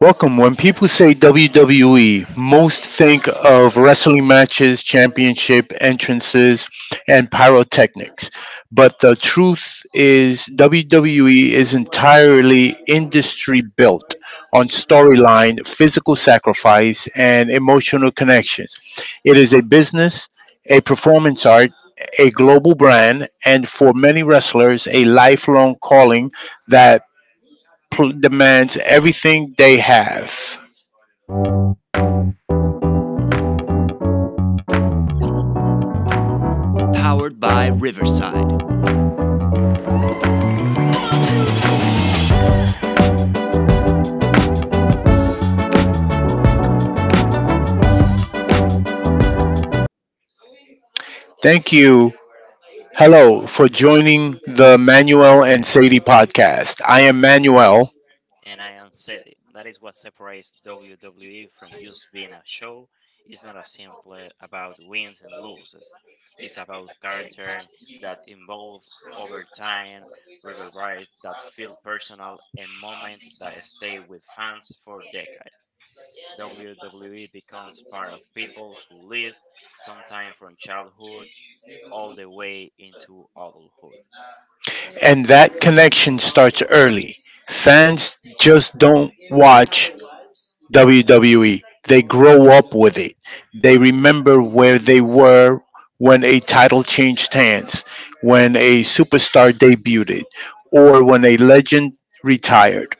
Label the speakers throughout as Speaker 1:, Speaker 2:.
Speaker 1: Welcome. When people say WWE, most think of wrestling matches, championship entrances, and pyrotechnics. But the truth is, WWE is entirely industry built on storyline, physical sacrifice, and emotional connections. It is a business, a performance art, a global brand, and for many wrestlers, a lifelong calling that demands everything they have. Thank you. Hello for joining the Manuel and Sadie podcast. I am Manuel,
Speaker 2: And I unsaid it. That is what separates WWE from just being a show. It's not a simple about wins and losses. It's about character that evolve over time, rivalries that feel personal, and moments that stay with fans for decades. WWE becomes part of peoples who live sometime from childhood all the way into adulthood.
Speaker 1: and that connection starts early. Fans just don't watch WWE, they grow up with it. They remember where they were when a title changed hands, when a superstar debuted, or when a legend retired.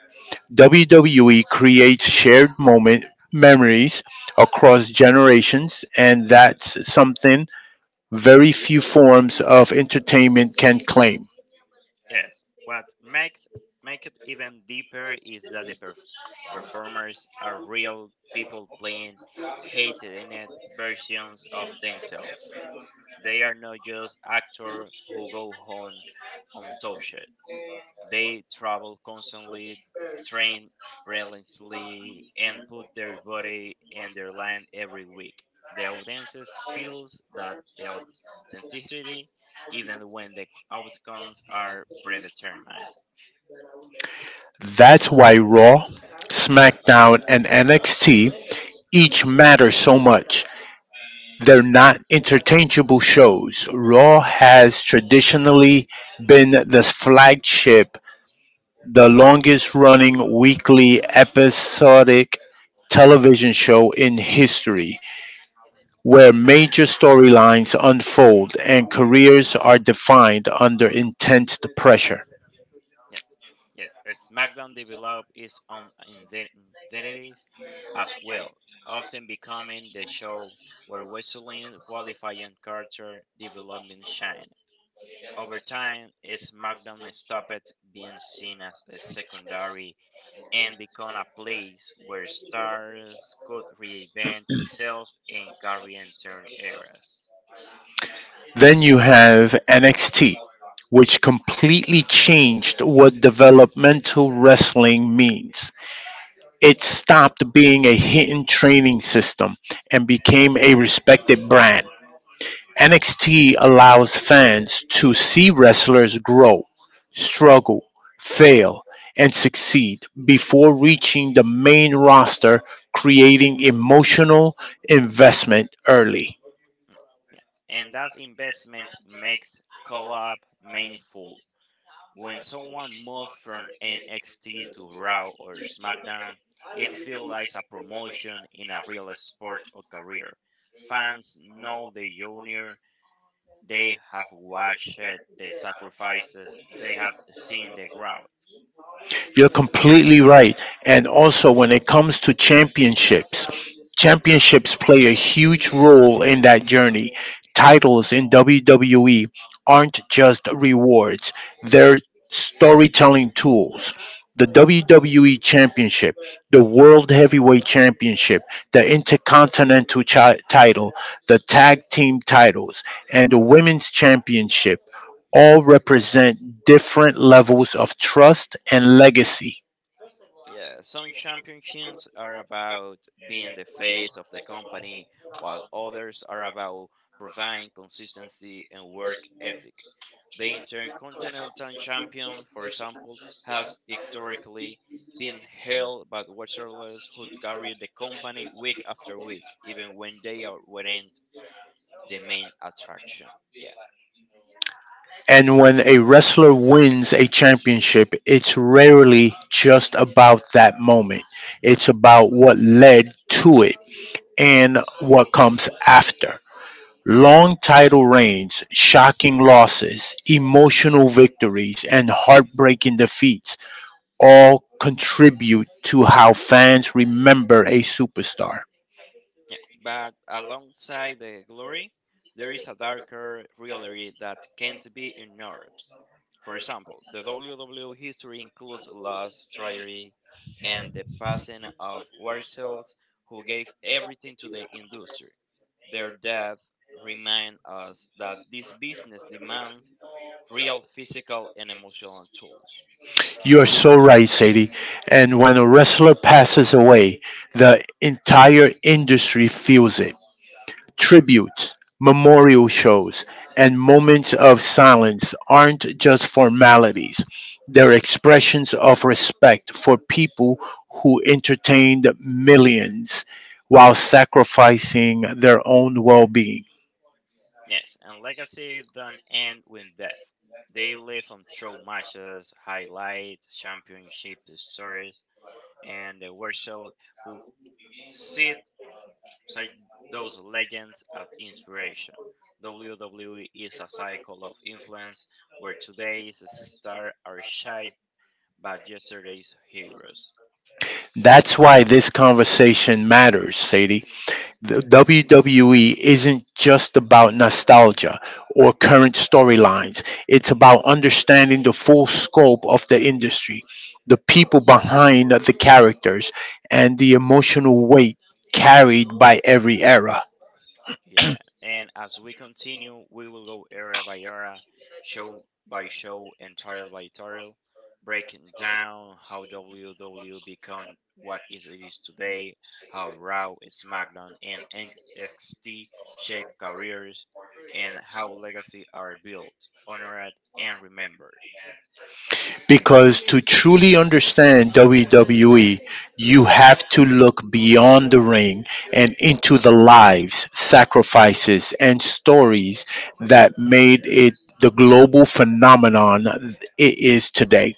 Speaker 1: WWE creates shared moment memories across generations, and that's something very few forms of entertainment can claim.
Speaker 2: Yes, what makes make it even deeper is that the performers are real people playing hated in it versions of themselves. They are not just actors who go home untouched. They travel constantly, train relentlessly, and put their body and their line every week. The audiences feels that the authenticity, even when the outcomes are predetermined.
Speaker 1: That's why Raw, SmackDown, and NXT each matter so much. They're not interchangeable shows. Raw has traditionally been the flagship, the longest running weekly episodic television show in history, where major storylines unfold and careers are defined under intense pressure.
Speaker 2: Yeah, yes, a SmackDown developed its own identity as well, often becoming the show where wrestling qualifying character development shine. Over time, SmackDown stopped being seen as a secondary and became a place where stars could reinvent itself and carry entire eras.
Speaker 1: Then you have NXT, which completely changed what developmental wrestling means. It stopped being a hidden training system and became a respected brand. NXT allows fans to see wrestlers grow, struggle, fail, and succeed before reaching the main roster, creating emotional investment early.
Speaker 2: Mm, yeah. And that investment makes collab meaningful. When someone moves from NXT to Raw or SmackDown, it feels like a promotion in a real sport or career. Fans know the junior. They have watched the sacrifices, they have seen the growth.
Speaker 1: You're completely right. And also, when it comes to championships, championships play a huge role in that journey. Titles in WWE aren't just rewards, they're storytelling tools. The WWE Championship, the World Heavyweight Championship, the Intercontinental title, the Tag Team titles, and the Women's Championship all represent different levels of trust and legacy.
Speaker 2: Yeah, some championships are about being the face of the company, while others are about providing consistency and work ethic. The Intercontinental Champion, for example, has historically been held by wrestlers who carry the company week after week, even when they are weren't the main attraction. Yeah.
Speaker 1: And when a wrestler wins a championship, it's rarely just about that moment. It's about what led to it and what comes after. Long title reigns, shocking losses, emotional victories, and heartbreaking defeats all contribute to how fans remember a superstar.
Speaker 2: Yeah, but alongside the glory, there is a darker reality that can't be ignored. For example, the WWE history includes loss, tragedy, and the passing of Warshells who gave everything to the industry. Their death remind us that this business demands real physical and emotional tools.
Speaker 1: You are so right, Sadie. And when a wrestler passes away, the entire industry feels it. Tributes, memorial shows, and moments of silence aren't just formalities, they're expressions of respect for people who entertained millions while sacrificing their own well being.
Speaker 2: Yes, and legacy don't end with death. They live on through matches, highlights, championship stories, and the worship who sit beside those legends as inspiration. WWE is a cycle of influence where today's stars are shaped by yesterday's heroes.
Speaker 1: That's why this conversation matters, Sadie. The WWE isn't just about nostalgia or current storylines. It's about understanding the full scope of the industry, the people behind the characters, and the emotional weight carried by every era.
Speaker 2: Yeah, and as we continue, we will go area by area, show by show, and title by title, breaking down how WWE became what is it is today, how Raw, SmackDown, and NXT shape careers, and how legacy are built, honored, and remembered.
Speaker 1: Because to truly understand WWE, you have to look beyond the ring and into the lives, sacrifices, and stories that made it the global phenomenon it is today.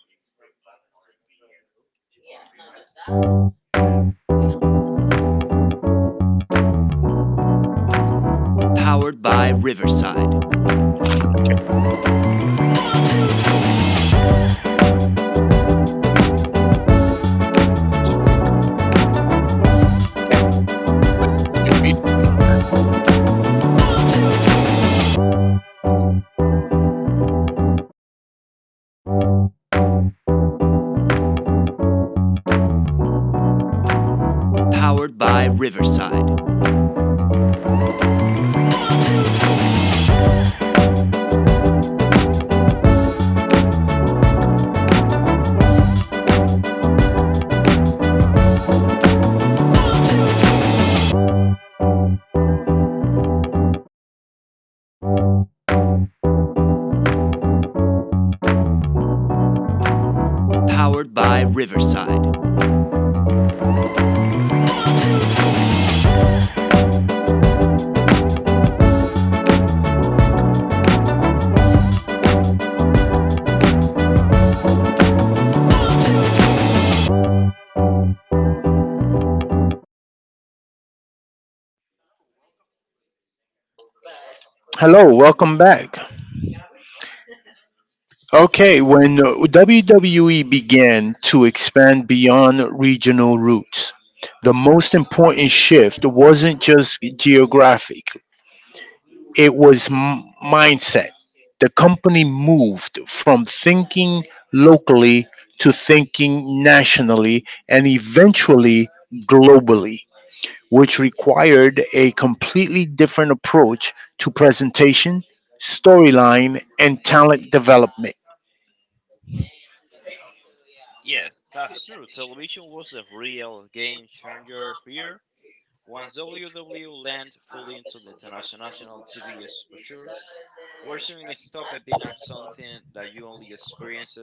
Speaker 1: Hello, welcome back. Okay, when WWE began to expand beyond regional roots, the most important shift wasn't just geographic, it was mindset. The company moved from thinking locally to thinking nationally and eventually globally, which required a completely different approach to presentation, storyline, and talent development.
Speaker 2: Yes, that's true. Television was a real game changer here. Once WW land fully into the international TV exposure, wrestling stopped being a something that you only experienced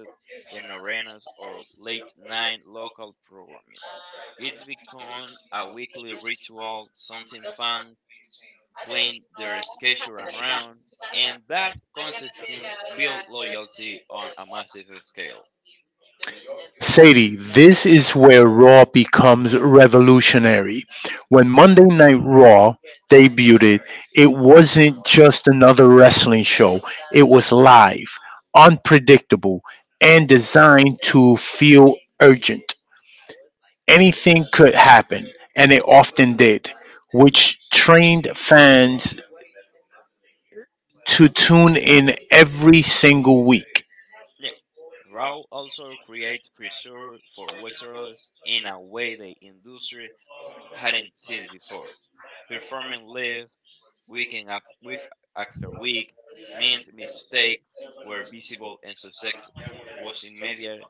Speaker 2: in arenas or late night local programming. It's become a weekly ritual, something fans playing their schedule around, and that consistency build loyalty on a massive scale.
Speaker 1: Sadie, this is where Raw becomes revolutionary. When Monday Night Raw debuted, it wasn't just another wrestling show, it was live, unpredictable, and designed to feel urgent. Anything could happen, and it often did, which trained fans to tune in every single week.
Speaker 2: Yep, Raw also create pressure for wrestlers in a way the industry hadn't seen it before. Performing live, weekend af- with after week, meant mistakes were visible and success was immediate,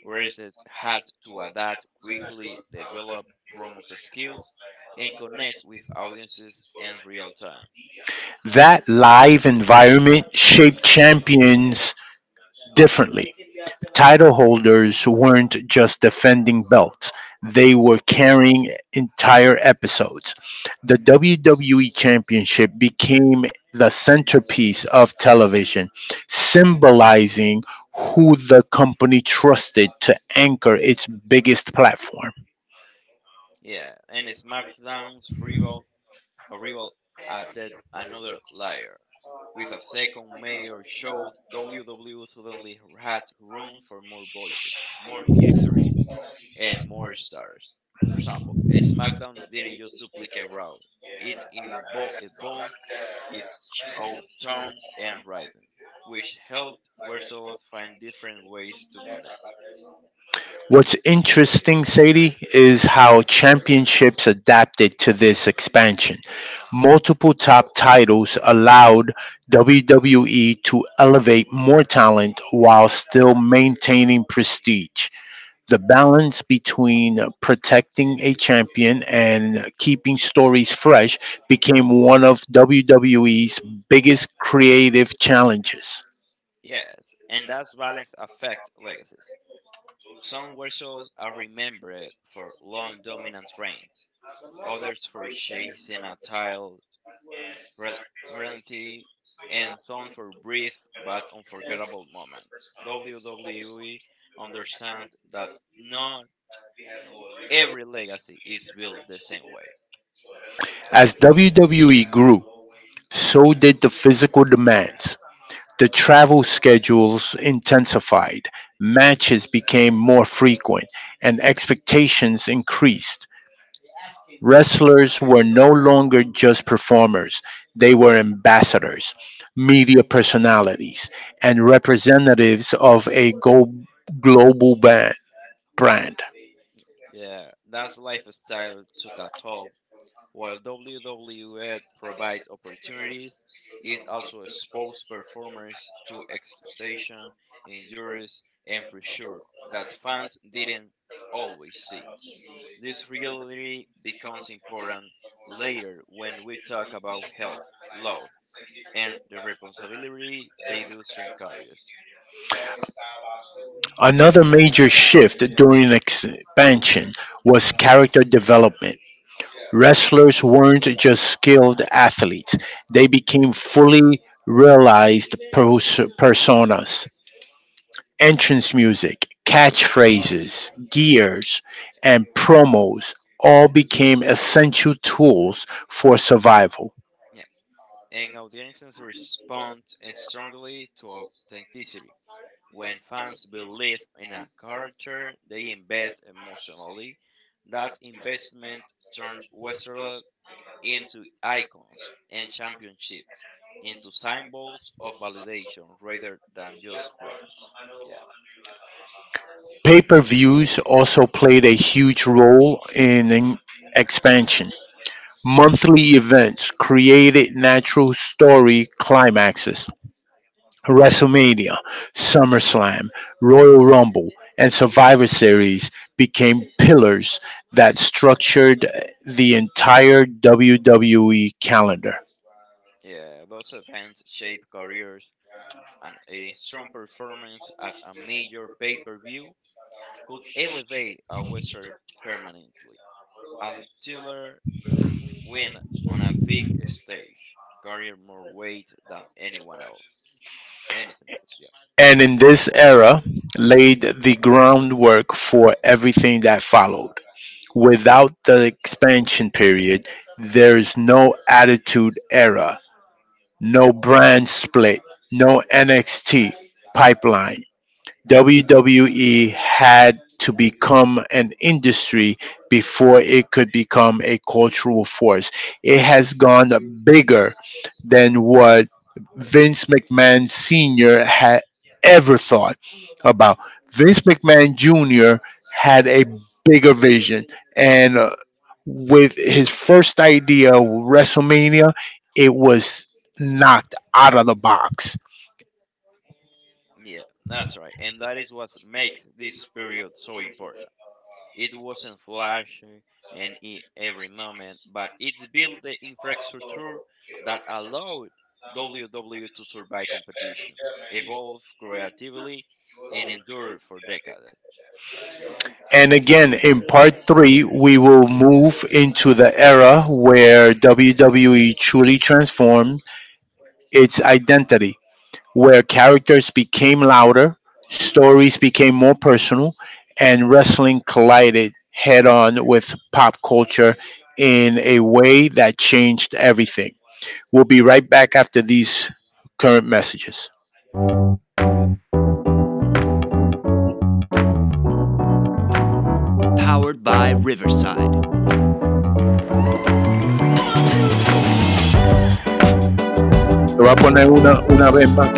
Speaker 2: whereas they had to adapt quickly, develop promotion skills, and connect with audiences in real time.
Speaker 1: That live environment shaped champions differently. Title holders weren't just defending belts, they were carrying entire episodes. The WWE Championship became the centerpiece of television, symbolizing who the company trusted to anchor its biggest platform.
Speaker 2: Yeah, and SmackDown's rival arrival added another layer. With a second mayor show, WWE suddenly had room for more voices, more history, and more stars. For example, SmackDown didn't just duplicate Raw, it evolved its own tone and rhythm, which helped wrestlers find different ways to connect.
Speaker 1: What's interesting, Sadie, is how championships adapted to this expansion. Multiple top titles allowed WWE to elevate more talent while still maintaining prestige. The balance between protecting a champion and keeping stories fresh became one of WWE's biggest creative challenges.
Speaker 2: Yes, and that's balance affects legacies. Some wrestlers are remembered for long dominant reigns, others for chasing a child rel- reality, and some for brief but unforgettable moments. WWE understands that not every legacy is built the same way.
Speaker 1: As WWE grew, so did the physical demands. The travel schedules intensified, matches became more frequent, and expectations increased. Wrestlers were no longer just performers, they were ambassadors, media personalities, and representatives of a global ban- brand.
Speaker 2: Yeah, that lifestyle took a toll. While WWE provides opportunities, it also exposed performers to exhaustion, injuries, and pressure that fans didn't always see. This really becomes important later when we talk about health, love, and the responsibility they do string carriers.
Speaker 1: Another major shift during expansion was character development. Wrestlers weren't just skilled athletes, they became fully realized personas. Entrance music, catchphrases, gears, and promos all became essential tools for survival.
Speaker 2: Yeah, and audiences respond strongly to authenticity. When fans believe in a character, they invest emotionally. That investment turned Westeros into icons and championships, into symbols of validation rather than just props. Yeah.
Speaker 1: Pay per views also played a huge role in expansion. Monthly events created natural story climaxes. WrestleMania, SummerSlam, Royal Rumble, and Survivor Series became pillars that structured the entire WWE calendar.
Speaker 2: Yeah, those events shape careers, and a strong performance at a major pay per view could elevate a wrestler permanently. A thriller win on a big stage carrier more weight than anyone else. Anything else, yeah.
Speaker 1: And in this era, laid the groundwork for everything that followed. Without the expansion period, there is no attitude era, no brand split, no NXT pipeline. WWE had to become an industry before it could become a cultural force. It has gone bigger than what Vince McMahon Sr. had ever thought about. Vince McMahon Jr. had a bigger vision, and with his first idea, WrestleMania, it was knocked out of the box.
Speaker 2: Yeah, that's right. And that is what makes this period so important. It wasn't flashy and in every moment, but it built the infrastructure that allowed WWE to survive competition, evolve creatively, and endure for decades.
Speaker 1: And again, in part three, we will move into the era where WWE truly transformed its identity, where characters became louder, stories became more personal, and wrestling collided head on with pop culture in a way that changed everything. We'll be right back after these current messages. Te voy a poner una vez más.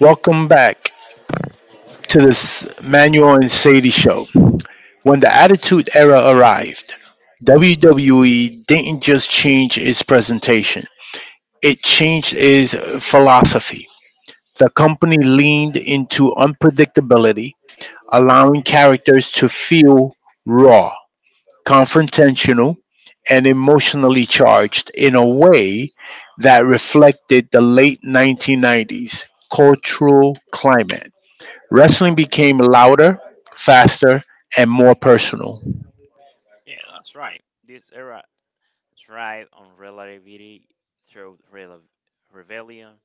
Speaker 1: Welcome back to this Manuel and Sadie show. When the Attitude Era arrived, WWE didn't just change its presentation, it changed its philosophy. The company leaned into unpredictability, allowing characters to feel raw, confrontational, and emotionally charged in a way that reflected the late 1990s cultural climate. Wrestling became louder, faster, and more personal.
Speaker 2: Yeah, that's right. This era thrived on relativity through rebellion.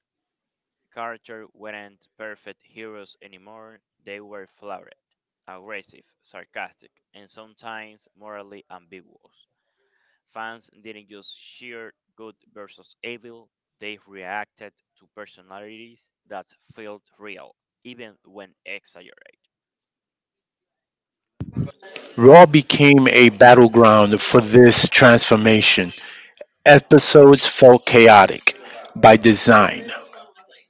Speaker 2: Characters weren't perfect heroes anymore, they were flawed, aggressive, sarcastic, and sometimes morally ambiguous. Fans didn't just cheer good versus evil, they reacted to personalities that felt real, even when exaggerated.
Speaker 1: Raw became a battleground for this transformation. Episodes felt chaotic by design,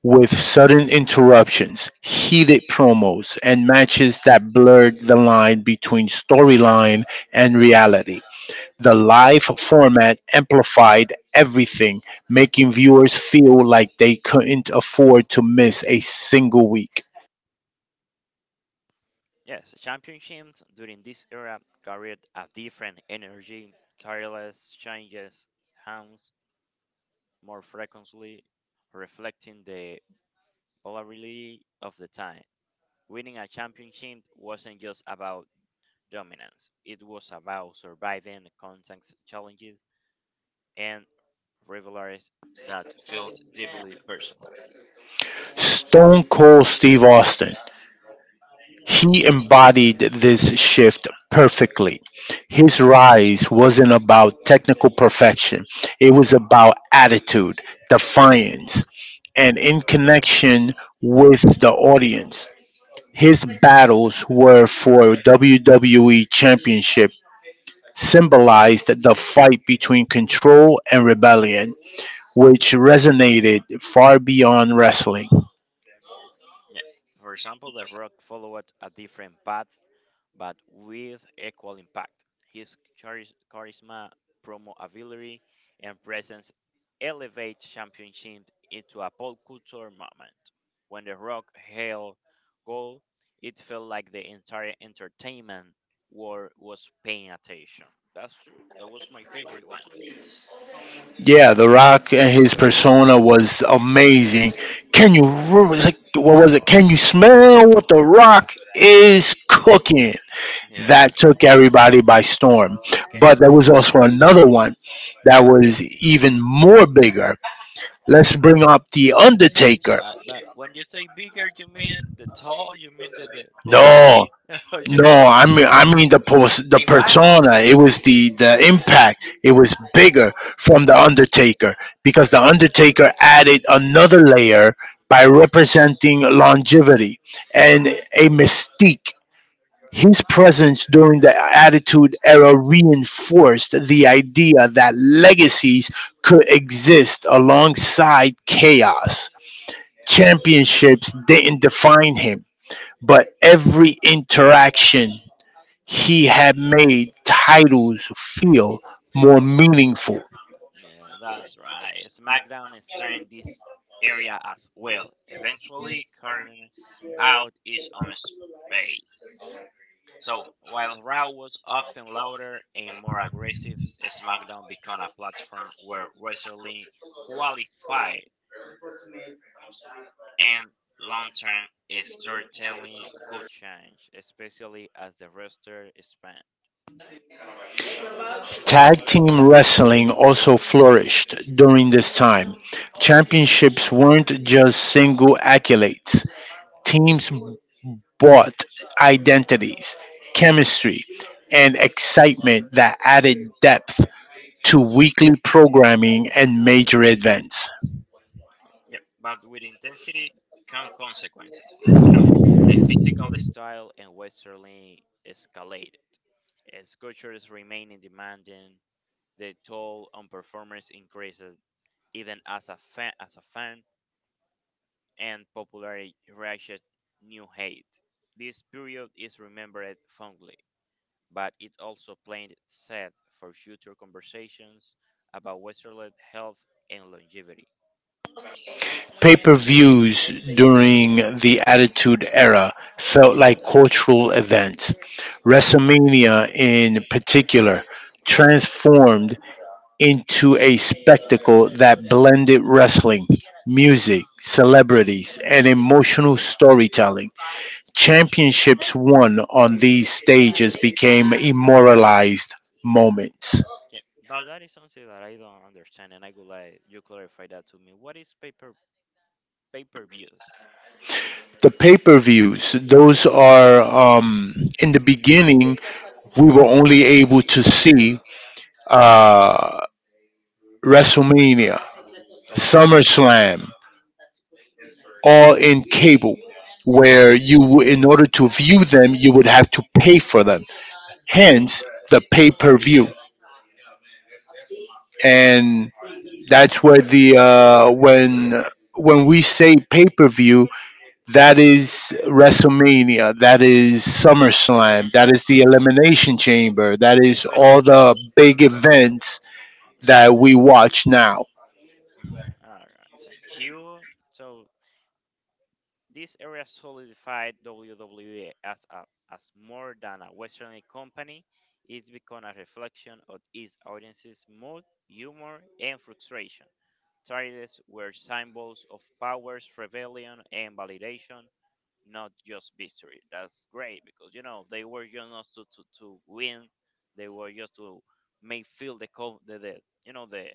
Speaker 1: with sudden interruptions, heated promos, and matches that blurred the line between storyline and reality. The live format amplified everything, making viewers feel like they couldn't afford to miss a single week.
Speaker 2: Yes, championships during this era carried a different energy, tireless changes hands more frequently, reflecting the polarity of the time. Winning a championship wasn't just about dominance, it was about surviving context challenges and rivalries that felt deeply personal.
Speaker 1: Stone Cold Steve Austin, he embodied this shift perfectly. His rise wasn't about technical perfection, it was about attitude, defiance, and in connection with the audience. His battles were for WWE Championship, symbolized the fight between control and rebellion, which resonated far beyond wrestling.
Speaker 2: Yeah. For example, The Rock followed a different path, but with equal impact. His charisma, promo ability, and presence elevate championship into a pop culture moment. When The Rock held gold, it felt like the entire entertainment world was paying attention. That's true. That was my favorite one.
Speaker 1: Yeah, The Rock and his persona was amazing. Can you it's like what was it? Can you smell what The Rock is cooking?
Speaker 2: Yeah.
Speaker 1: That took everybody by storm.
Speaker 2: Okay.
Speaker 1: But there was also another one that was even more bigger. Let's bring up The Undertaker.
Speaker 2: But when you say bigger, you mean the tall, you mean the
Speaker 1: No,
Speaker 2: height, or you
Speaker 1: no,
Speaker 2: mean
Speaker 1: I mean the post, the
Speaker 2: the impact?
Speaker 1: persona. It was the impact. It was bigger from the Undertaker because the Undertaker added another layer by representing longevity and a mystique. His presence during the Attitude Era reinforced the idea that legacies could exist alongside chaos. Championships didn't define him, but every interaction he had made titles feel more meaningful.
Speaker 2: Yeah, that's right. SmackDown is entering this area as well, eventually carving out its own space. So, while Raw was often louder and more aggressive, SmackDown became a platform where wrestling qualified and long-term storytelling could change, especially as the roster expanded.
Speaker 1: Tag team wrestling also flourished during this time. Championships weren't just single accolades, teams bought identities, chemistry, and excitement that added depth to weekly programming and major events.
Speaker 2: Yeah, but with intensity come consequences. You know, the physical style and wrestling escalated. As cultures remaining demanding, the toll on performers increased even as a fan and popularity reached new hate. This period is remembered fondly, but it also planted seed for future conversations about Westerland health and longevity.
Speaker 1: Pay-per-views during the Attitude Era felt like cultural events. WrestleMania, in particular, transformed into a spectacle that blended wrestling, music, celebrities, and emotional storytelling. Championships won on these stages became immortalized moments.
Speaker 2: Yeah, but that is something that I don't understand, and I would like you clarify that to me. What is paper views
Speaker 1: The pay per views, those are in the beginning we were only able to see uh, WrestleMania,
Speaker 2: over
Speaker 1: SummerSlam, all in cable, where in order to view them, you would have to pay for them. Hence, the pay-per-view, and that's where the when we say pay-per-view, that is WrestleMania, that is SummerSlam, that is the Elimination Chamber, that
Speaker 2: the
Speaker 1: is
Speaker 2: special
Speaker 1: all the
Speaker 2: shows?
Speaker 1: big events
Speaker 2: Yeah.
Speaker 1: that we watch now.
Speaker 2: Mm, all right. Thank you. So this area solidified WWE as, a, as more than a wrestling company. It's become a reflection of its audience's mood, humor, and frustration. Trailers were symbols of powers, rebellion, and validation, not just victory. That's great because you know they were just not to win; they were just to make feel the you know the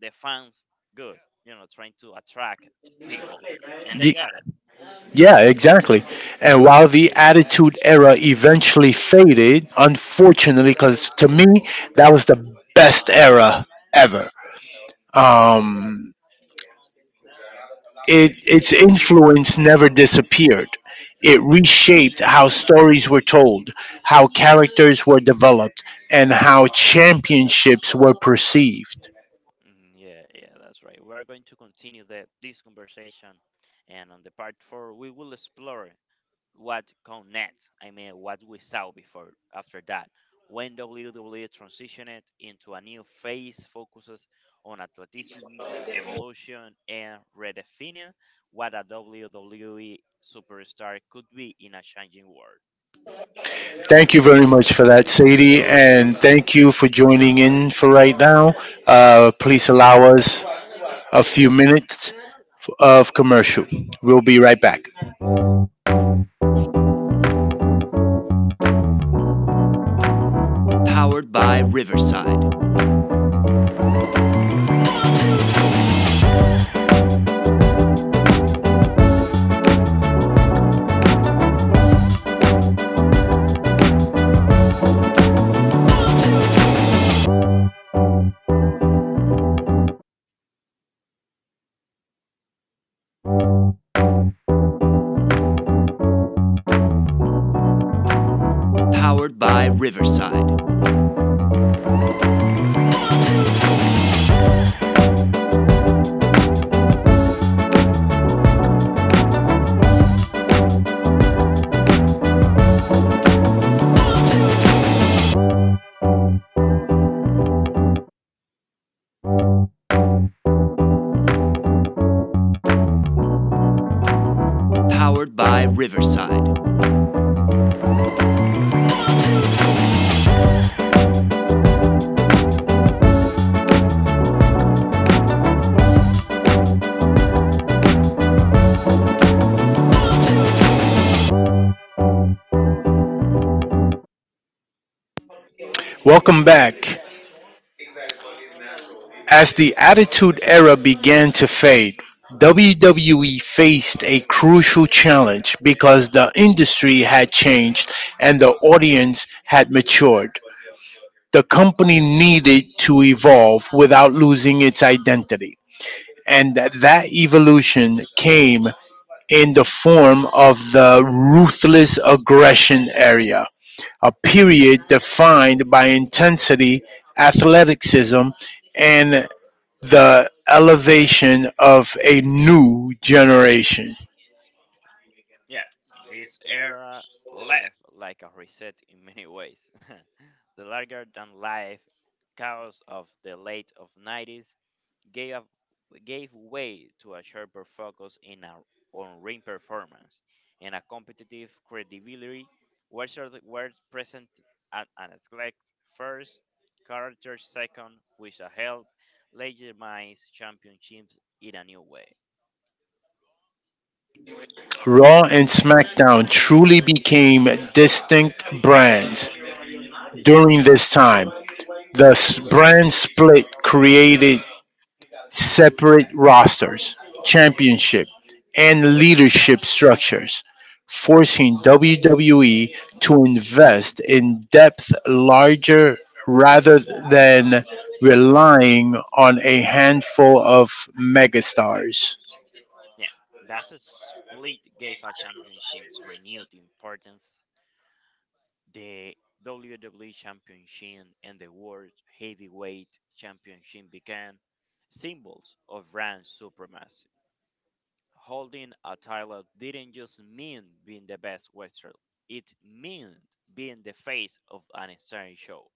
Speaker 2: the fans good. You know, trying to attract people, and they got it.
Speaker 1: Yeah, exactly. And while the Attitude Era eventually faded, unfortunately, because to me that was the best era ever. Um, it its influence never disappeared. It reshaped how stories were told, how characters were developed, and how championships were perceived.
Speaker 2: Mm, yeah, yeah, that's right. We are going to continue the this conversation, and on the part four, we will explore what connects. I mean, what we saw before. After that, when WWE transitioned into a new phase, focuses on athleticism, evolution, and redefining what a WWE superstar could be in a changing world.
Speaker 1: Thank you very much for that, Sadie, and thank you for joining in for right now. Please allow us a few minutes of commercial. We'll be right back. Welcome back. As the Attitude Era began to fade, WWE faced a crucial challenge because the industry had changed and the audience had matured. The company needed to evolve without losing its identity. And that evolution came in the form of the ruthless aggression area, a period defined by intensity, athleticism, and the elevation of a new generation.
Speaker 2: Yeah, this era left like a reset in many ways. The larger than life chaos of the late of 90s gave up- gave way to a sharper focus on ring performance and a competitive credibility where certain were present at an select first character second which helped legitimize championships in a new way.
Speaker 1: Raw and SmackDown truly became distinct brands during this time. The brand split created separate rosters, championship, and leadership structures, forcing WWE to invest in depth larger rather than relying on a handful of megastars.
Speaker 2: Yeah, that's a split GAFA championships renewed importance. The WWE Championship and the World Heavyweight Championship became symbols of brand supremacy. Holding a title didn't just mean being the best wrestler; it meant being the face of an entire show.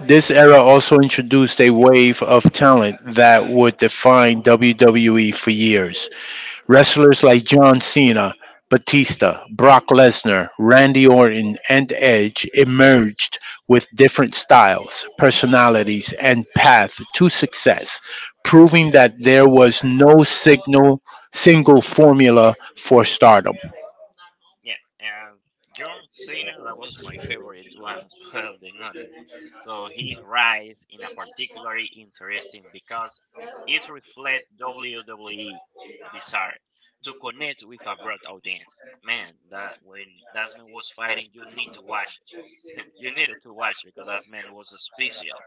Speaker 1: This era also introduced a wave of talent that would define WWE for years. Wrestlers like John Cena, Batista, Brock Lesnar, Randy Orton, and Edge emerged with different styles, personalities, and path to success, proving that there was no single formula for stardom.
Speaker 2: Yeah, and John Cena, that was my favorite one as well, being honest. So he rise in a particularly interesting because it reflects WWE's desire to connect with a broad audience. Man, that when that man was fighting, you need to watch. It. You needed to watch because that man was special.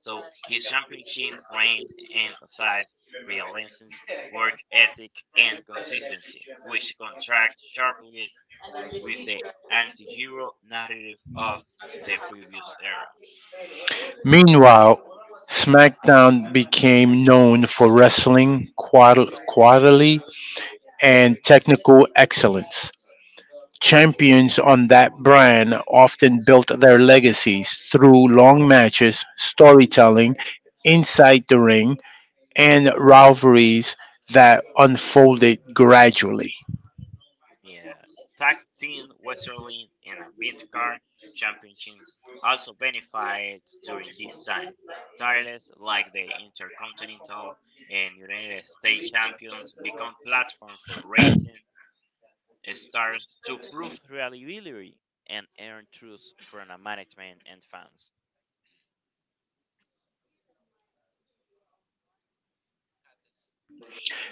Speaker 2: So his championship reigns emphasized relentless work ethic and consistency, which contrasts sharply with the anti-hero narrative of the previous era.
Speaker 1: Meanwhile, SmackDown became known for wrestling, quarterly, and technical excellence. Champions on that brand often built their legacies through long matches, storytelling inside the ring, and rivalries that unfolded gradually.
Speaker 2: Yeah, tag team wrestling and a mid-card championships also benefited during this time. Titles like the Intercontinental and United States Champions become platform for racing stars to prove reliability and earn trust from the management and fans.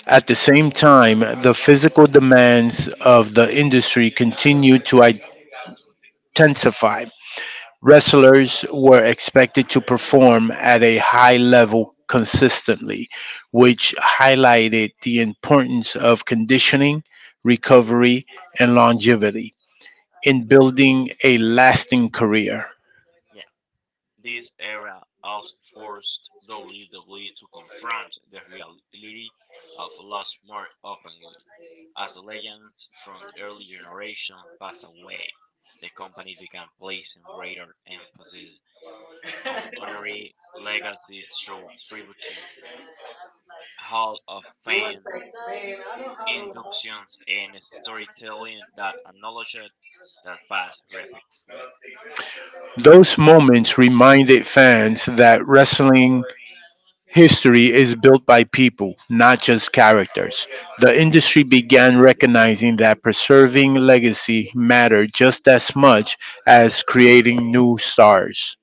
Speaker 1: At the same time, the physical demands of the industry continued to intensify. Wrestlers were expected to perform at a high level consistently, which highlighted the importance of conditioning, recovery, and longevity in building a lasting career.
Speaker 2: Yeah, this era also forced WWE to confront the reality of loss more openly. As the legends from the early generation passed away, the company began placing greater emphasis on honorary legacies through tribute to Hall of Fame inductions and storytelling that acknowledged that past respectfully.
Speaker 1: Those moments reminded fans that wrestling history is built by people, not just characters. The industry began recognizing that preserving legacy mattered just as much as creating new stars.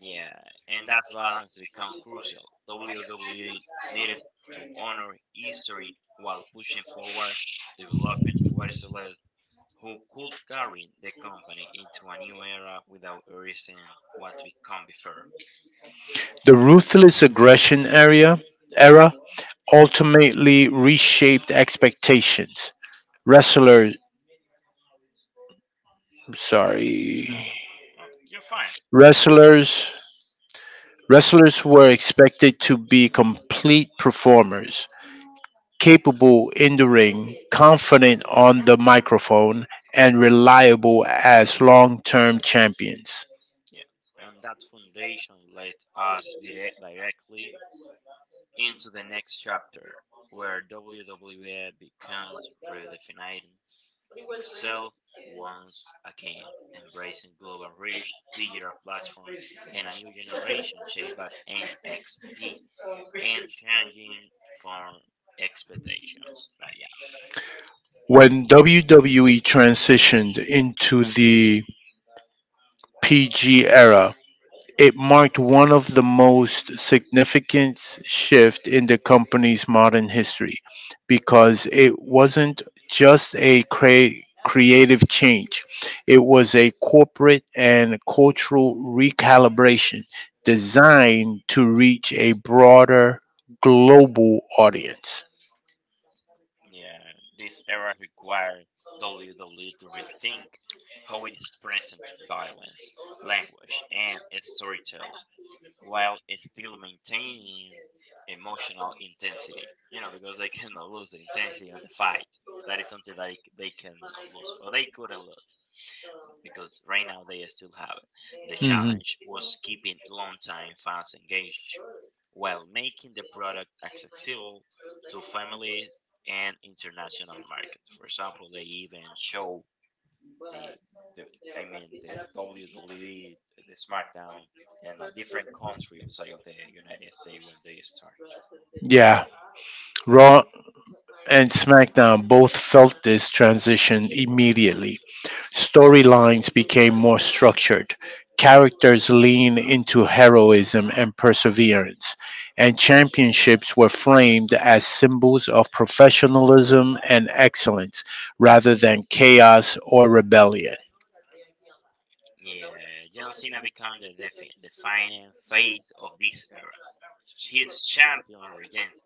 Speaker 2: Yeah, and that's balance become crucial. WWE needed to honor history while pushing forward, developing wrestlers who could carry the company into a new era without erasing what we come before.
Speaker 1: The ruthless aggression area era ultimately reshaped expectations. Wrestlers, sorry,
Speaker 2: You're fine.
Speaker 1: wrestlers, wrestlers were expected to be complete performers, capable in the ring, confident on the microphone, and reliable as long-term champions.
Speaker 2: Yeah, and that foundation led us directly into the next chapter, where WWE becomes redefining itself once again, embracing global reach, digital platform, and a new generation shaped by NXT and changing for expectations. Like, yeah,
Speaker 1: When WWE transitioned into the PG era, it marked one of the most significant shifts in the company's modern history because it wasn't just a creative change, it was a corporate and cultural recalibration designed to reach a broader global audience.
Speaker 2: yeah, this era required WWE to rethink how it is present violence, language, and storytelling, while still maintaining emotional intensity. You know, because they cannot lose the intensity of the fight. That is something that they cannot lose, or they couldn't lose, because right now they still have it. The
Speaker 1: Mhm.
Speaker 2: challenge was keeping long-time fans engaged while making the product accessible to families and international markets. For example, they even show the the I mean the WWE, the SmackDown in a different country outside of the United States when they start.
Speaker 1: Yeah, Raw and SmackDown both felt this transition immediately. Storylines became more structured, characters leaned into heroism and perseverance, and championships were framed as symbols of professionalism and excellence rather than chaos or rebellion.
Speaker 2: Yeah, John Cena became the defining face of this era. His champion regents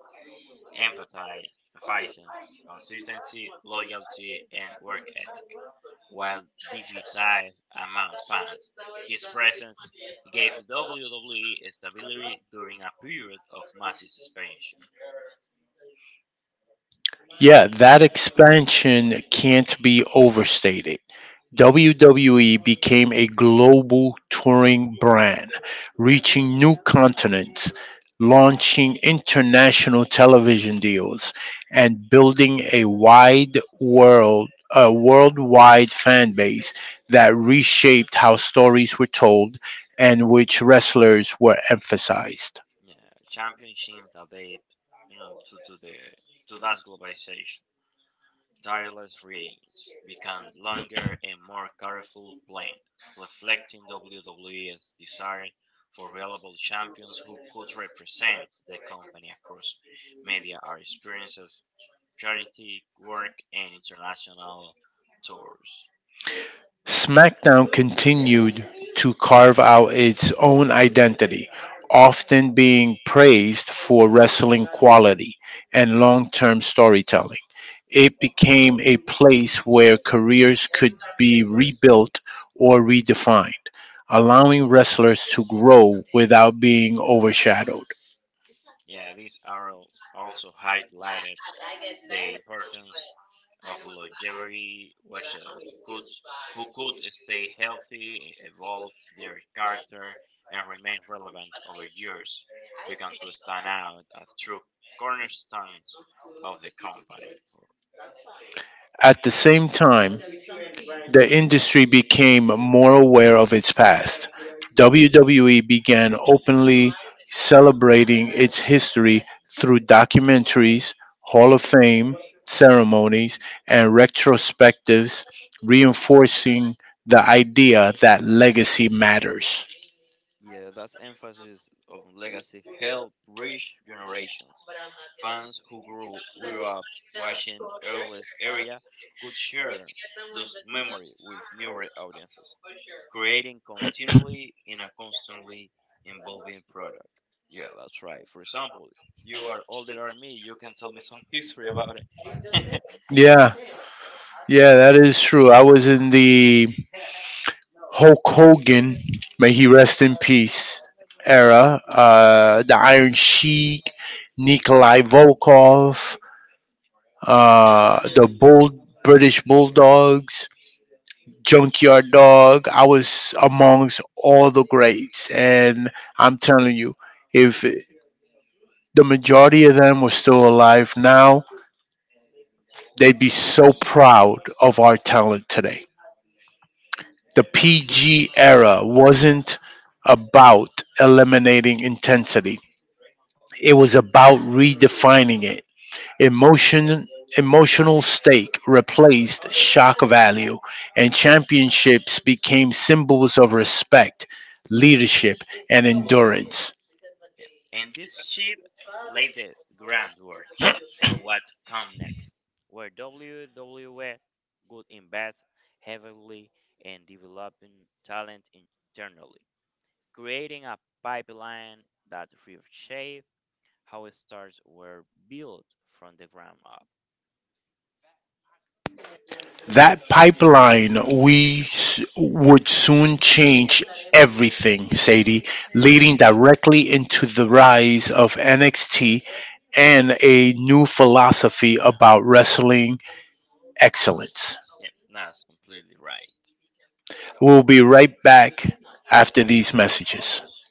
Speaker 2: empathy, fighting, consistency, loyalty, and work ethic. While divisive among fans, his presence gave WWE stability during a period of massive expansion.
Speaker 1: Yeah, that expansion can't be overstated. WWE became a global touring brand, reaching new continents, launching international television deals, and building a worldwide fan base that reshaped how stories were told and which wrestlers were emphasized.
Speaker 2: Yeah, championships are to the to that globalization. Tireless reigns become longer and more careful planned, reflecting WWE's desire for reliable champions who could represent the company across media or experiences, charity work, and international tours.
Speaker 1: SmackDown continued to carve out its own identity, often being praised for wrestling quality and long term storytelling. It became a place where careers could be rebuilt or redefined, allowing wrestlers to grow without being overshadowed.
Speaker 2: Yeah, these are also highlighted the importance of longevity, which could who could stay healthy, evolve their character, and remain relevant over years, began to stand out as true cornerstones of the company. For-
Speaker 1: At the same time, the industry became more aware of its past. WWE began openly celebrating its history through documentaries, Hall of Fame ceremonies, and retrospectives, reinforcing the idea that legacy matters.
Speaker 2: Yeah, that's emphasis of legacy helped reach generations. Fans who grew up watching Earl's area could share those memory with newer audiences. Creating continually in a constantly evolving product. Yeah, that's right. For example, you are older than me, you can tell me some history about it. Yeah.
Speaker 1: Yeah, yeah, that is true. I was in the Hulk Hogan, may he rest in peace, era. The Iron Sheik, Nikolai Volkov, the Bull, British Bulldogs, Junkyard Dog. I was amongst all the greats. And I'm telling you, if the majority of them were still alive now, they'd be so proud of our talent today. The PG era wasn't about eliminating intensity. It was about redefining it. Emotion Emotional stake replaced shock value and championships became symbols of respect, leadership and endurance.
Speaker 2: Yeah. And this ship laid the groundwork for what come next, where WWE would invest heavily in developing talent internally, creating a pipeline that reshaped how stars were built from the ground up.
Speaker 1: That pipeline would soon change everything, Sadie, leading directly into the rise of NXT and a new philosophy about wrestling excellence.
Speaker 2: Yep, that's completely right.
Speaker 1: We'll be right back after these messages.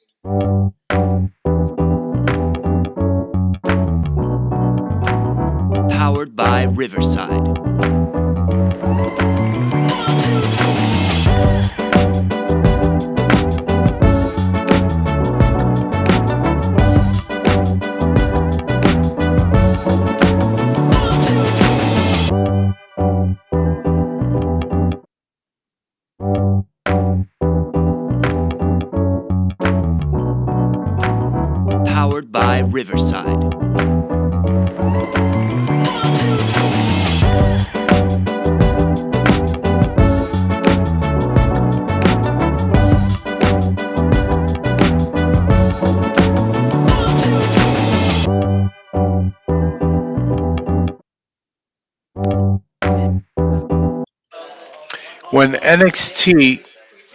Speaker 1: When NXT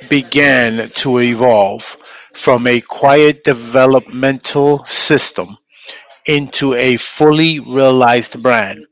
Speaker 1: began to evolve from a quiet developmental system into a fully realized brand,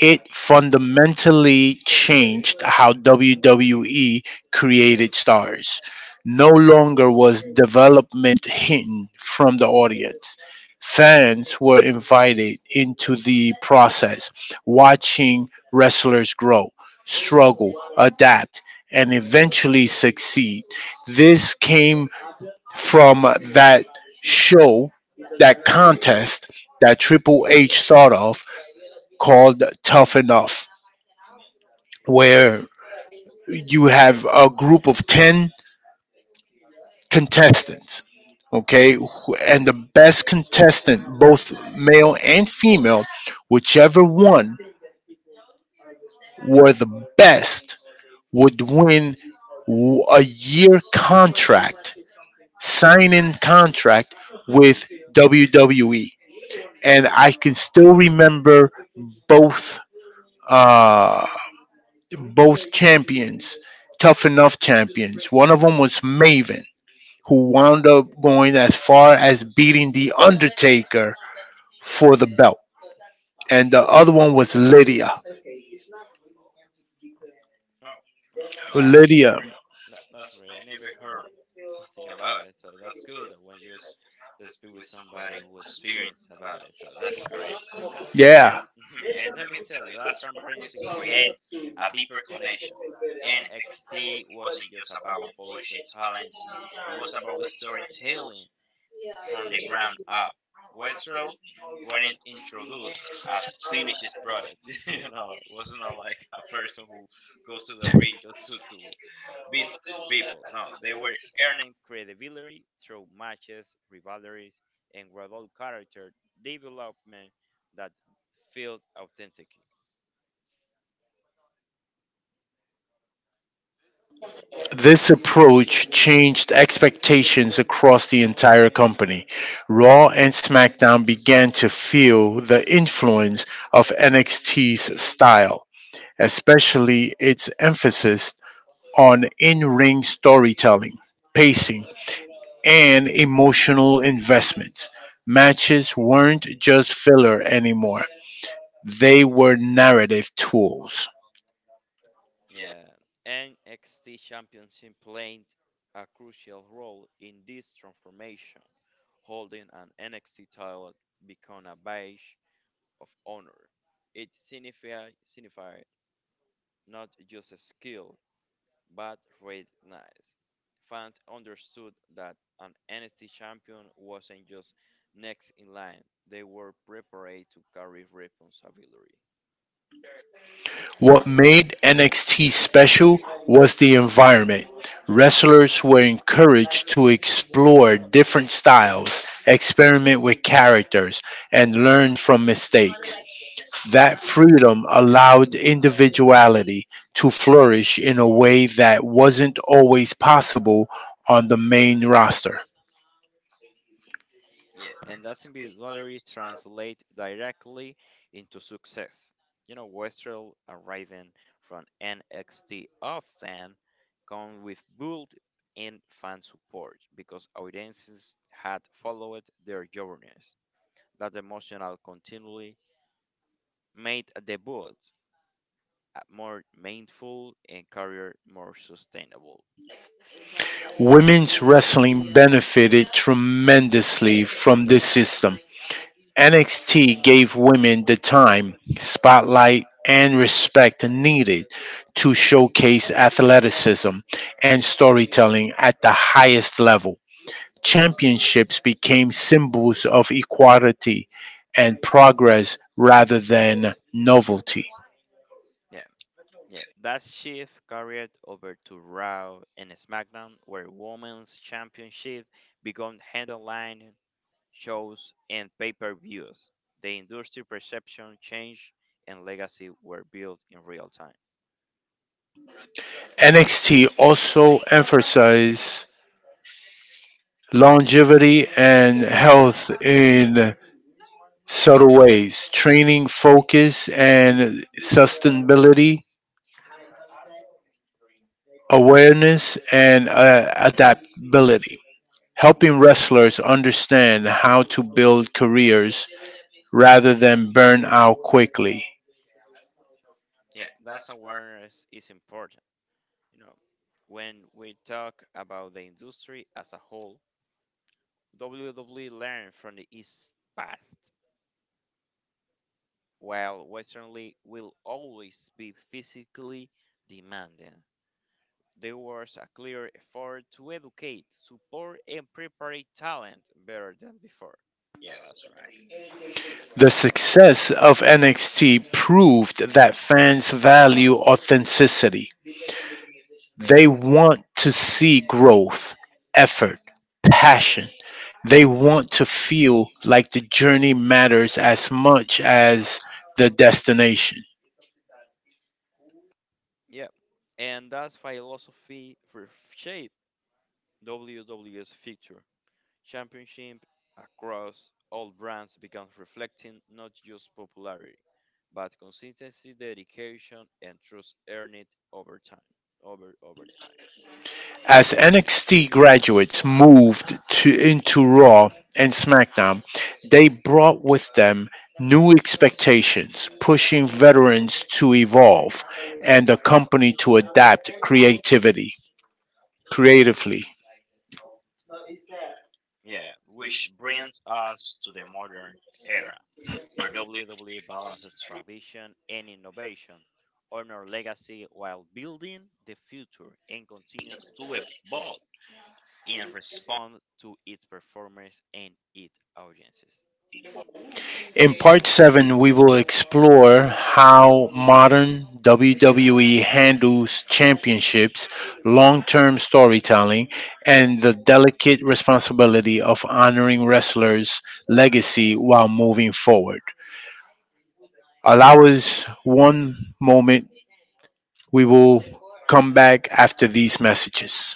Speaker 1: it fundamentally changed how WWE created stars. No longer was development hidden from the audience. Fans were invited into the process, watching wrestlers grow, struggle, adapt, and eventually succeed. This came from that show, that contest that Triple H thought of, called Tough Enough, where you have a group of 10 contestants, okay? And the best contestant, both male and female, whichever one were the best, would win a year contract, sign in contract with WWE. And I can still remember both. Uh, both champions, tough enough champions. One of them was Maven, who wound up going as far as beating The Undertaker for the belt. And the other one was Lydia.
Speaker 2: No, no, that's
Speaker 1: Lydia,
Speaker 2: great. That's great. I never heard something about it, so that's good that when you just speak with somebody who experienced about it, so that's great. And
Speaker 1: yeah.
Speaker 2: and let me tell you, that transparency create a deeper connection. NXT wasn't just about polishing talent; it was about storytelling from the ground up. Westrel wasn't introduced as finished product. You know, it wasn't not like a person who goes to the ring just to beat people. No, they were earning credibility through matches, rivalries, and gradual character development that felt authentic.
Speaker 1: This approach changed expectations across the entire company. Raw and SmackDown began to feel the influence of NXT's style, especially its emphasis on in ring storytelling, pacing, and emotional investments. Matches weren't just filler anymore, they were narrative tools.
Speaker 2: Yeah, NXT Championship played a crucial role in this transformation. Holding an NXT title became a badge of honor. Signified not just a skill, but recognize. Fans understood that an NXT champion wasn't just next in line, they were prepared to carry responsibility.
Speaker 1: What made NXT special was the environment. Wrestlers were encouraged to explore different styles, experiment with characters, and learn from mistakes. That freedom allowed individuality to flourish in a way that wasn't always possible on the main roster.
Speaker 2: Yeah, and that individuality translates directly into success. You know, Westrel arriving from NXT often come with built in fan support because audiences had followed their journeys. That emotional continually made the debut more meaningful and career more sustainable.
Speaker 1: Women's wrestling benefited tremendously from this system. NXT gave women the time, spotlight, and respect needed to showcase athleticism and storytelling at the highest level. Championships became symbols of equality and progress rather than novelty.
Speaker 2: Yeah, yeah. That shift carried over to Raw and SmackDown, where Women's Championship became headline shows, and pay per views, the industry perception change and legacy were built in real time.
Speaker 1: NXT also emphasized longevity and health in subtle ways, training focus and sustainability, awareness and adaptability, helping wrestlers understand how to build careers rather than burn out quickly.
Speaker 2: Yeah, that's awareness is important. You know, when we talk about the industry as a whole, WWE learned from the East past, while Western League will always be physically demanding. There was a clear effort to educate, support, and prepare talent better than before. Yeah, that's right.
Speaker 1: The success of NXT proved that fans value authenticity. They want to see growth, effort, passion. They want to feel like the journey matters as much as the destination.
Speaker 2: Yeah, and that philosophy shaped WWE's future. Championship across all brands began reflecting not just popularity, but consistency, dedication, and trust earned over time. Over time.
Speaker 1: As NXT graduates into Raw and SmackDown, they brought with them new expectations, pushing veterans to evolve and the company to adapt creatively.
Speaker 2: Yeah, which brings us to the modern era, where WWE balances tradition and innovation, honor legacy while building the future, and continues to evolve and respond to its performers and its audiences.
Speaker 1: In part 7, we will explore how modern WWE handles championships, long term storytelling, and the delicate responsibility of honoring wrestlers' legacy while moving forward. Allow us one moment. We will come back after these messages.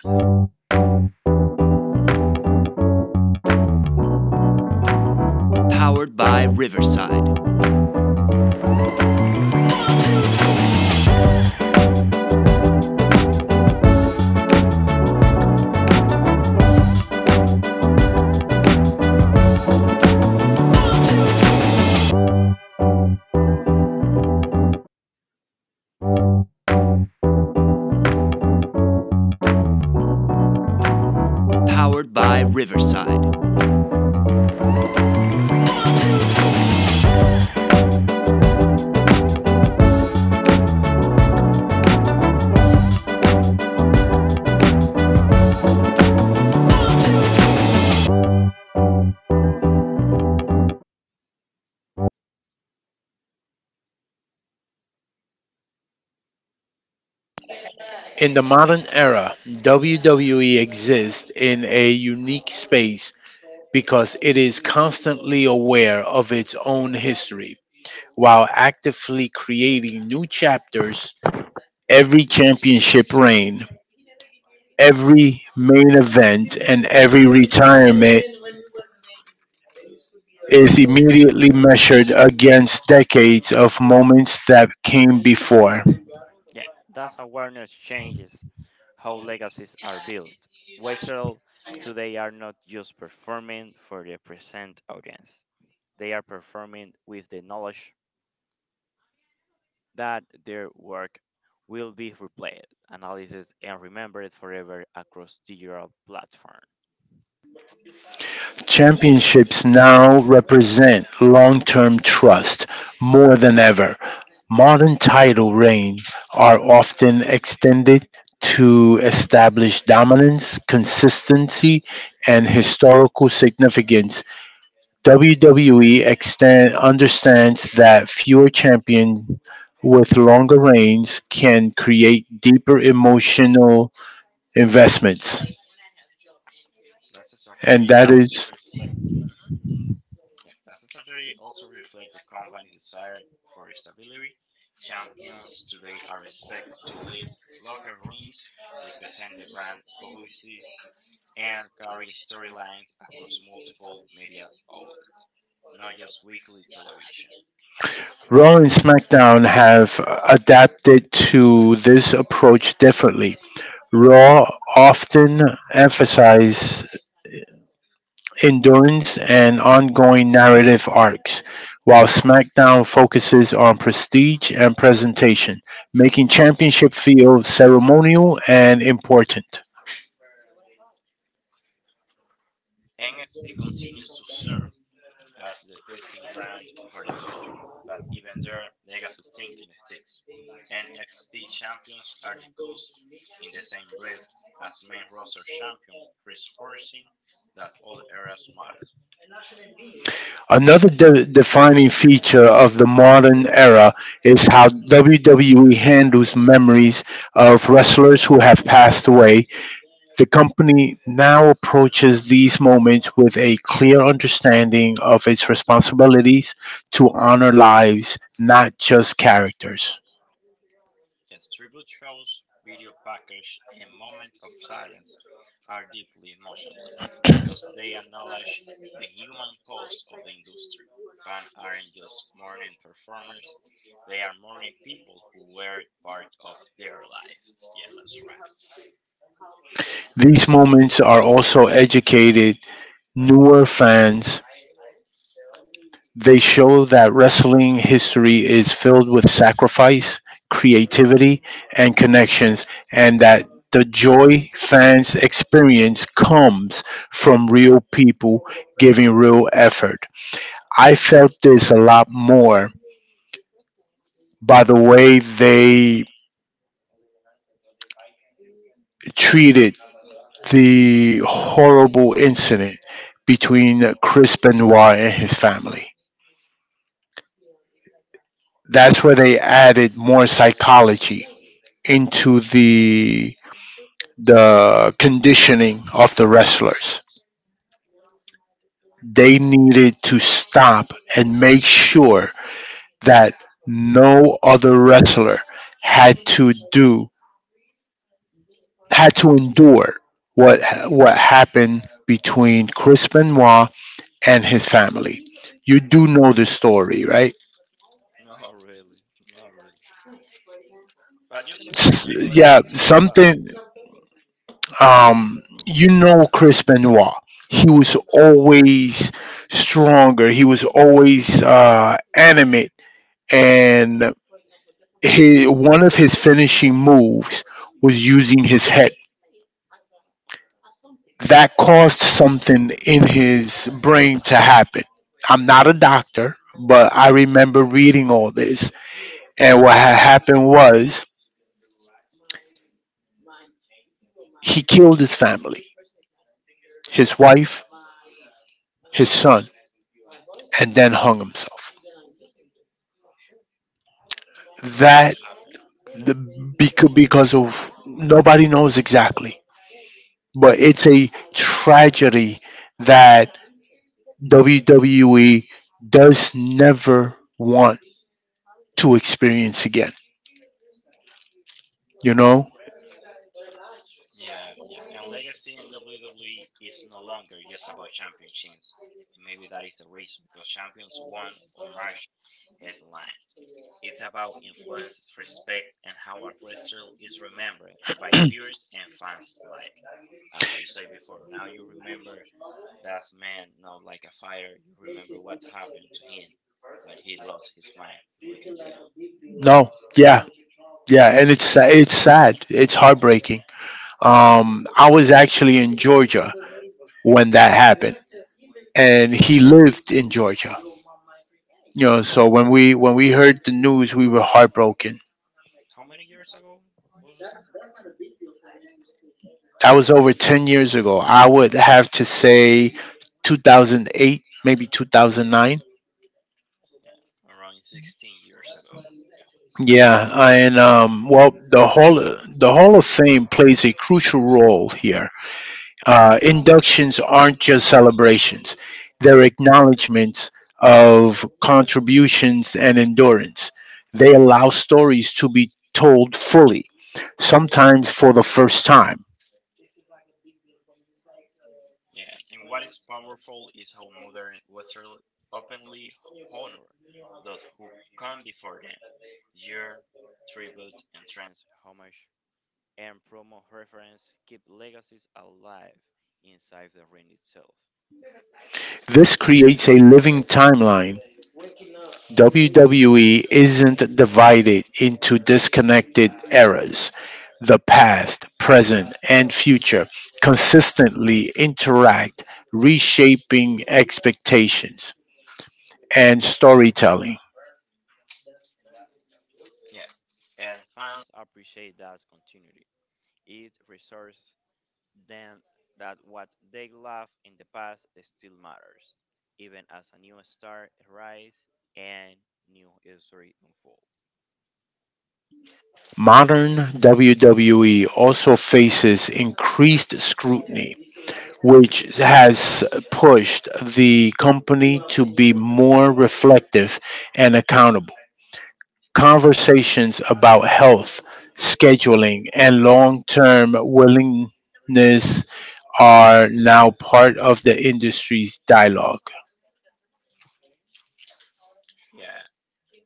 Speaker 1: In the modern era, WWE exists in a unique space because it is constantly aware of its own history while actively creating new chapters. Every championship reign, every main event, and every retirement is immediately measured against decades of moments that came before.
Speaker 2: Yeah, that's awareness changes how legacies are built. Waiters today are not just performing for the present audience, they are performing with the knowledge that their work will be replayed, analyzed, and remembered forever across digital platforms.
Speaker 1: Championships now represent long-term trust more than ever. Modern title reigns are often extended to establish dominance, consistency, and historical significance. Understands that fewer champions with longer reigns can create deeper emotional investments,
Speaker 2: That's
Speaker 1: and
Speaker 2: actually
Speaker 1: that
Speaker 2: also
Speaker 1: is.
Speaker 2: reflect. Yeah, Plastic surgery also reflects the company's desire for stability. Champions today are expected to lead locker rooms, represent the brand publicly, and carry storylines across multiple media outlets, not just weekly television.
Speaker 1: Raw and SmackDown have adapted to this approach differently. Raw often emphasizes endurance and ongoing narrative arcs, while SmackDown focuses on prestige and presentation, making championship feel ceremonial and important.
Speaker 2: NXT continues to serve as the testing ground for the future, but even there, legacy thinking sticks. NXT champions are discussed in the same breath as main roster champion, reinforcing that all eras matter.
Speaker 1: Another defining feature of the modern era is how WWE handles memories of wrestlers who have passed away. The company now approaches these moments with a clear understanding of its responsibilities to honor lives, not just characters.
Speaker 2: Yes, tribute shows, video package, and moments of silence are deeply emotional because they acknowledge the human cost of the industry. Fans aren't just mourning performers, they are mourning people who were part of their life. Yeah, that's right.
Speaker 1: These moments are also educated newer fans. They show that wrestling history is filled with sacrifice, creativity, and connections, and that the joy fans experience comes from real people giving real effort. I felt this a lot more by the way they treated the horrible incident between Chris Benoit and his family. That's where they added more psychology into the conditioning of the wrestlers. They needed to stop and make sure that no other wrestler had to do had to endure what what happened between Chris Benoit and his family. You do know the story, right?
Speaker 2: No, really. No, really. But you can tell me. I would
Speaker 1: S-
Speaker 2: like
Speaker 1: Yeah,
Speaker 2: to know about it
Speaker 1: something. You know Chris Benoit. He was always stronger. He was always animate, and he, one of his finishing moves was using his head that caused something in his brain to happen. I'm not a doctor, but I remember reading all this. And what had happened was he killed his family, his wife, his son, and then hung himself.
Speaker 2: because what
Speaker 1: That
Speaker 2: happened.
Speaker 1: because of, nobody knows exactly, but it's a tragedy that WWE does never want to experience again. You know?
Speaker 2: Yeah, yeah. And legacy in WWE is no longer just about championships. And maybe that is the reason because champions won on March headline. It's about influence, respect, and how a wrestler is remembered by peers and fans alike. As you say before, now you remember that man not like a fighter. You remember what happened to him when he lost his mind, if we can say.
Speaker 1: No. Yeah, yeah, and it's it's sad. It's heartbreaking. I was actually in Georgia when that happened, and he lived in Georgia. You
Speaker 2: And
Speaker 1: know, so when we heard the news, we were heartbroken.
Speaker 2: how many years ago was.
Speaker 1: That was over 10 years ago. I would have to say 2008, maybe 2009.
Speaker 2: Yeah, around 16 years ago.
Speaker 1: Yeah, and well, the Hall of Fame plays a crucial role here. Inductions aren't just celebrations, they're acknowledgments of contributions and endurance. They allow stories to be told fully, sometimes for the first time.
Speaker 2: Yeah. Yeah, and what is powerful is how modern Western openly honor those who come before them. Year, tribute, and trans homage and promo reference keep legacies alive inside the ring itself.
Speaker 1: This creates a living timeline. WWE isn't divided into disconnected eras. The past, present, and future consistently interact, reshaping expectations and storytelling.
Speaker 2: Yeah, and fans appreciate that continuity. It preserves then that what they loved in the past still matters, even as a new star arises and new history unfolds.
Speaker 1: Modern WWE also faces increased scrutiny, which has pushed the company to be more reflective and accountable. Conversations about health, scheduling, and long term willingness are now part of the industry's dialogue.
Speaker 2: Yeah,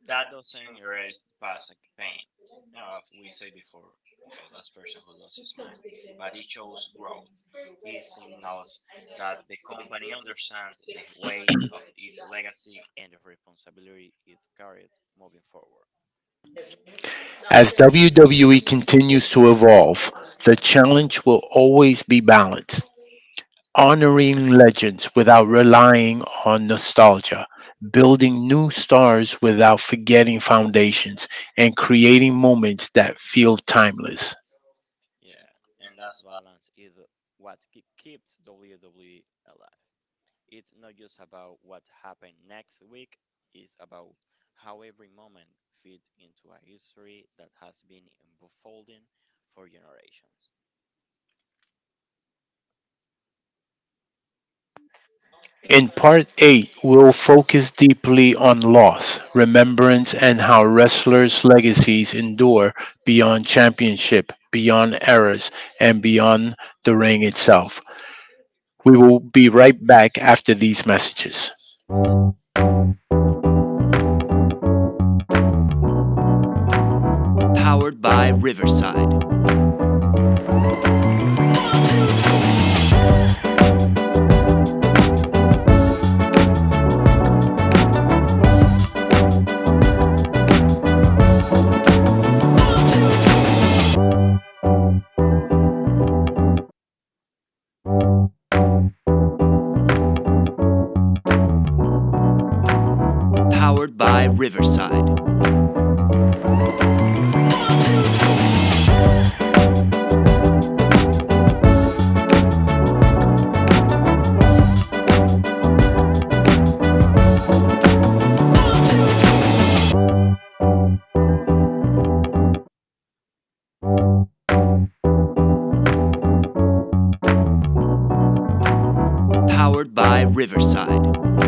Speaker 2: that doesn't erase the past like pain. You know, as we say before about that person who lost his mind, but it shows growth. It signals that the company understands the weight of its legacy and the responsibility it carried moving forward.
Speaker 1: As WWE continues to evolve, the challenge will always be balance, honoring legends without relying on nostalgia, building new stars without forgetting foundations, and creating moments that feel timeless.
Speaker 2: Yeah, and that balance is what keeps WWE alive. It's not just about what happened next week, it's about how every moment fits into a history that has been unfolding for generations.
Speaker 1: In part 8, we'll focus deeply on loss, remembrance, and how wrestlers' legacies endure beyond championship, beyond eras, and beyond the ring itself. We will be right back after these messages.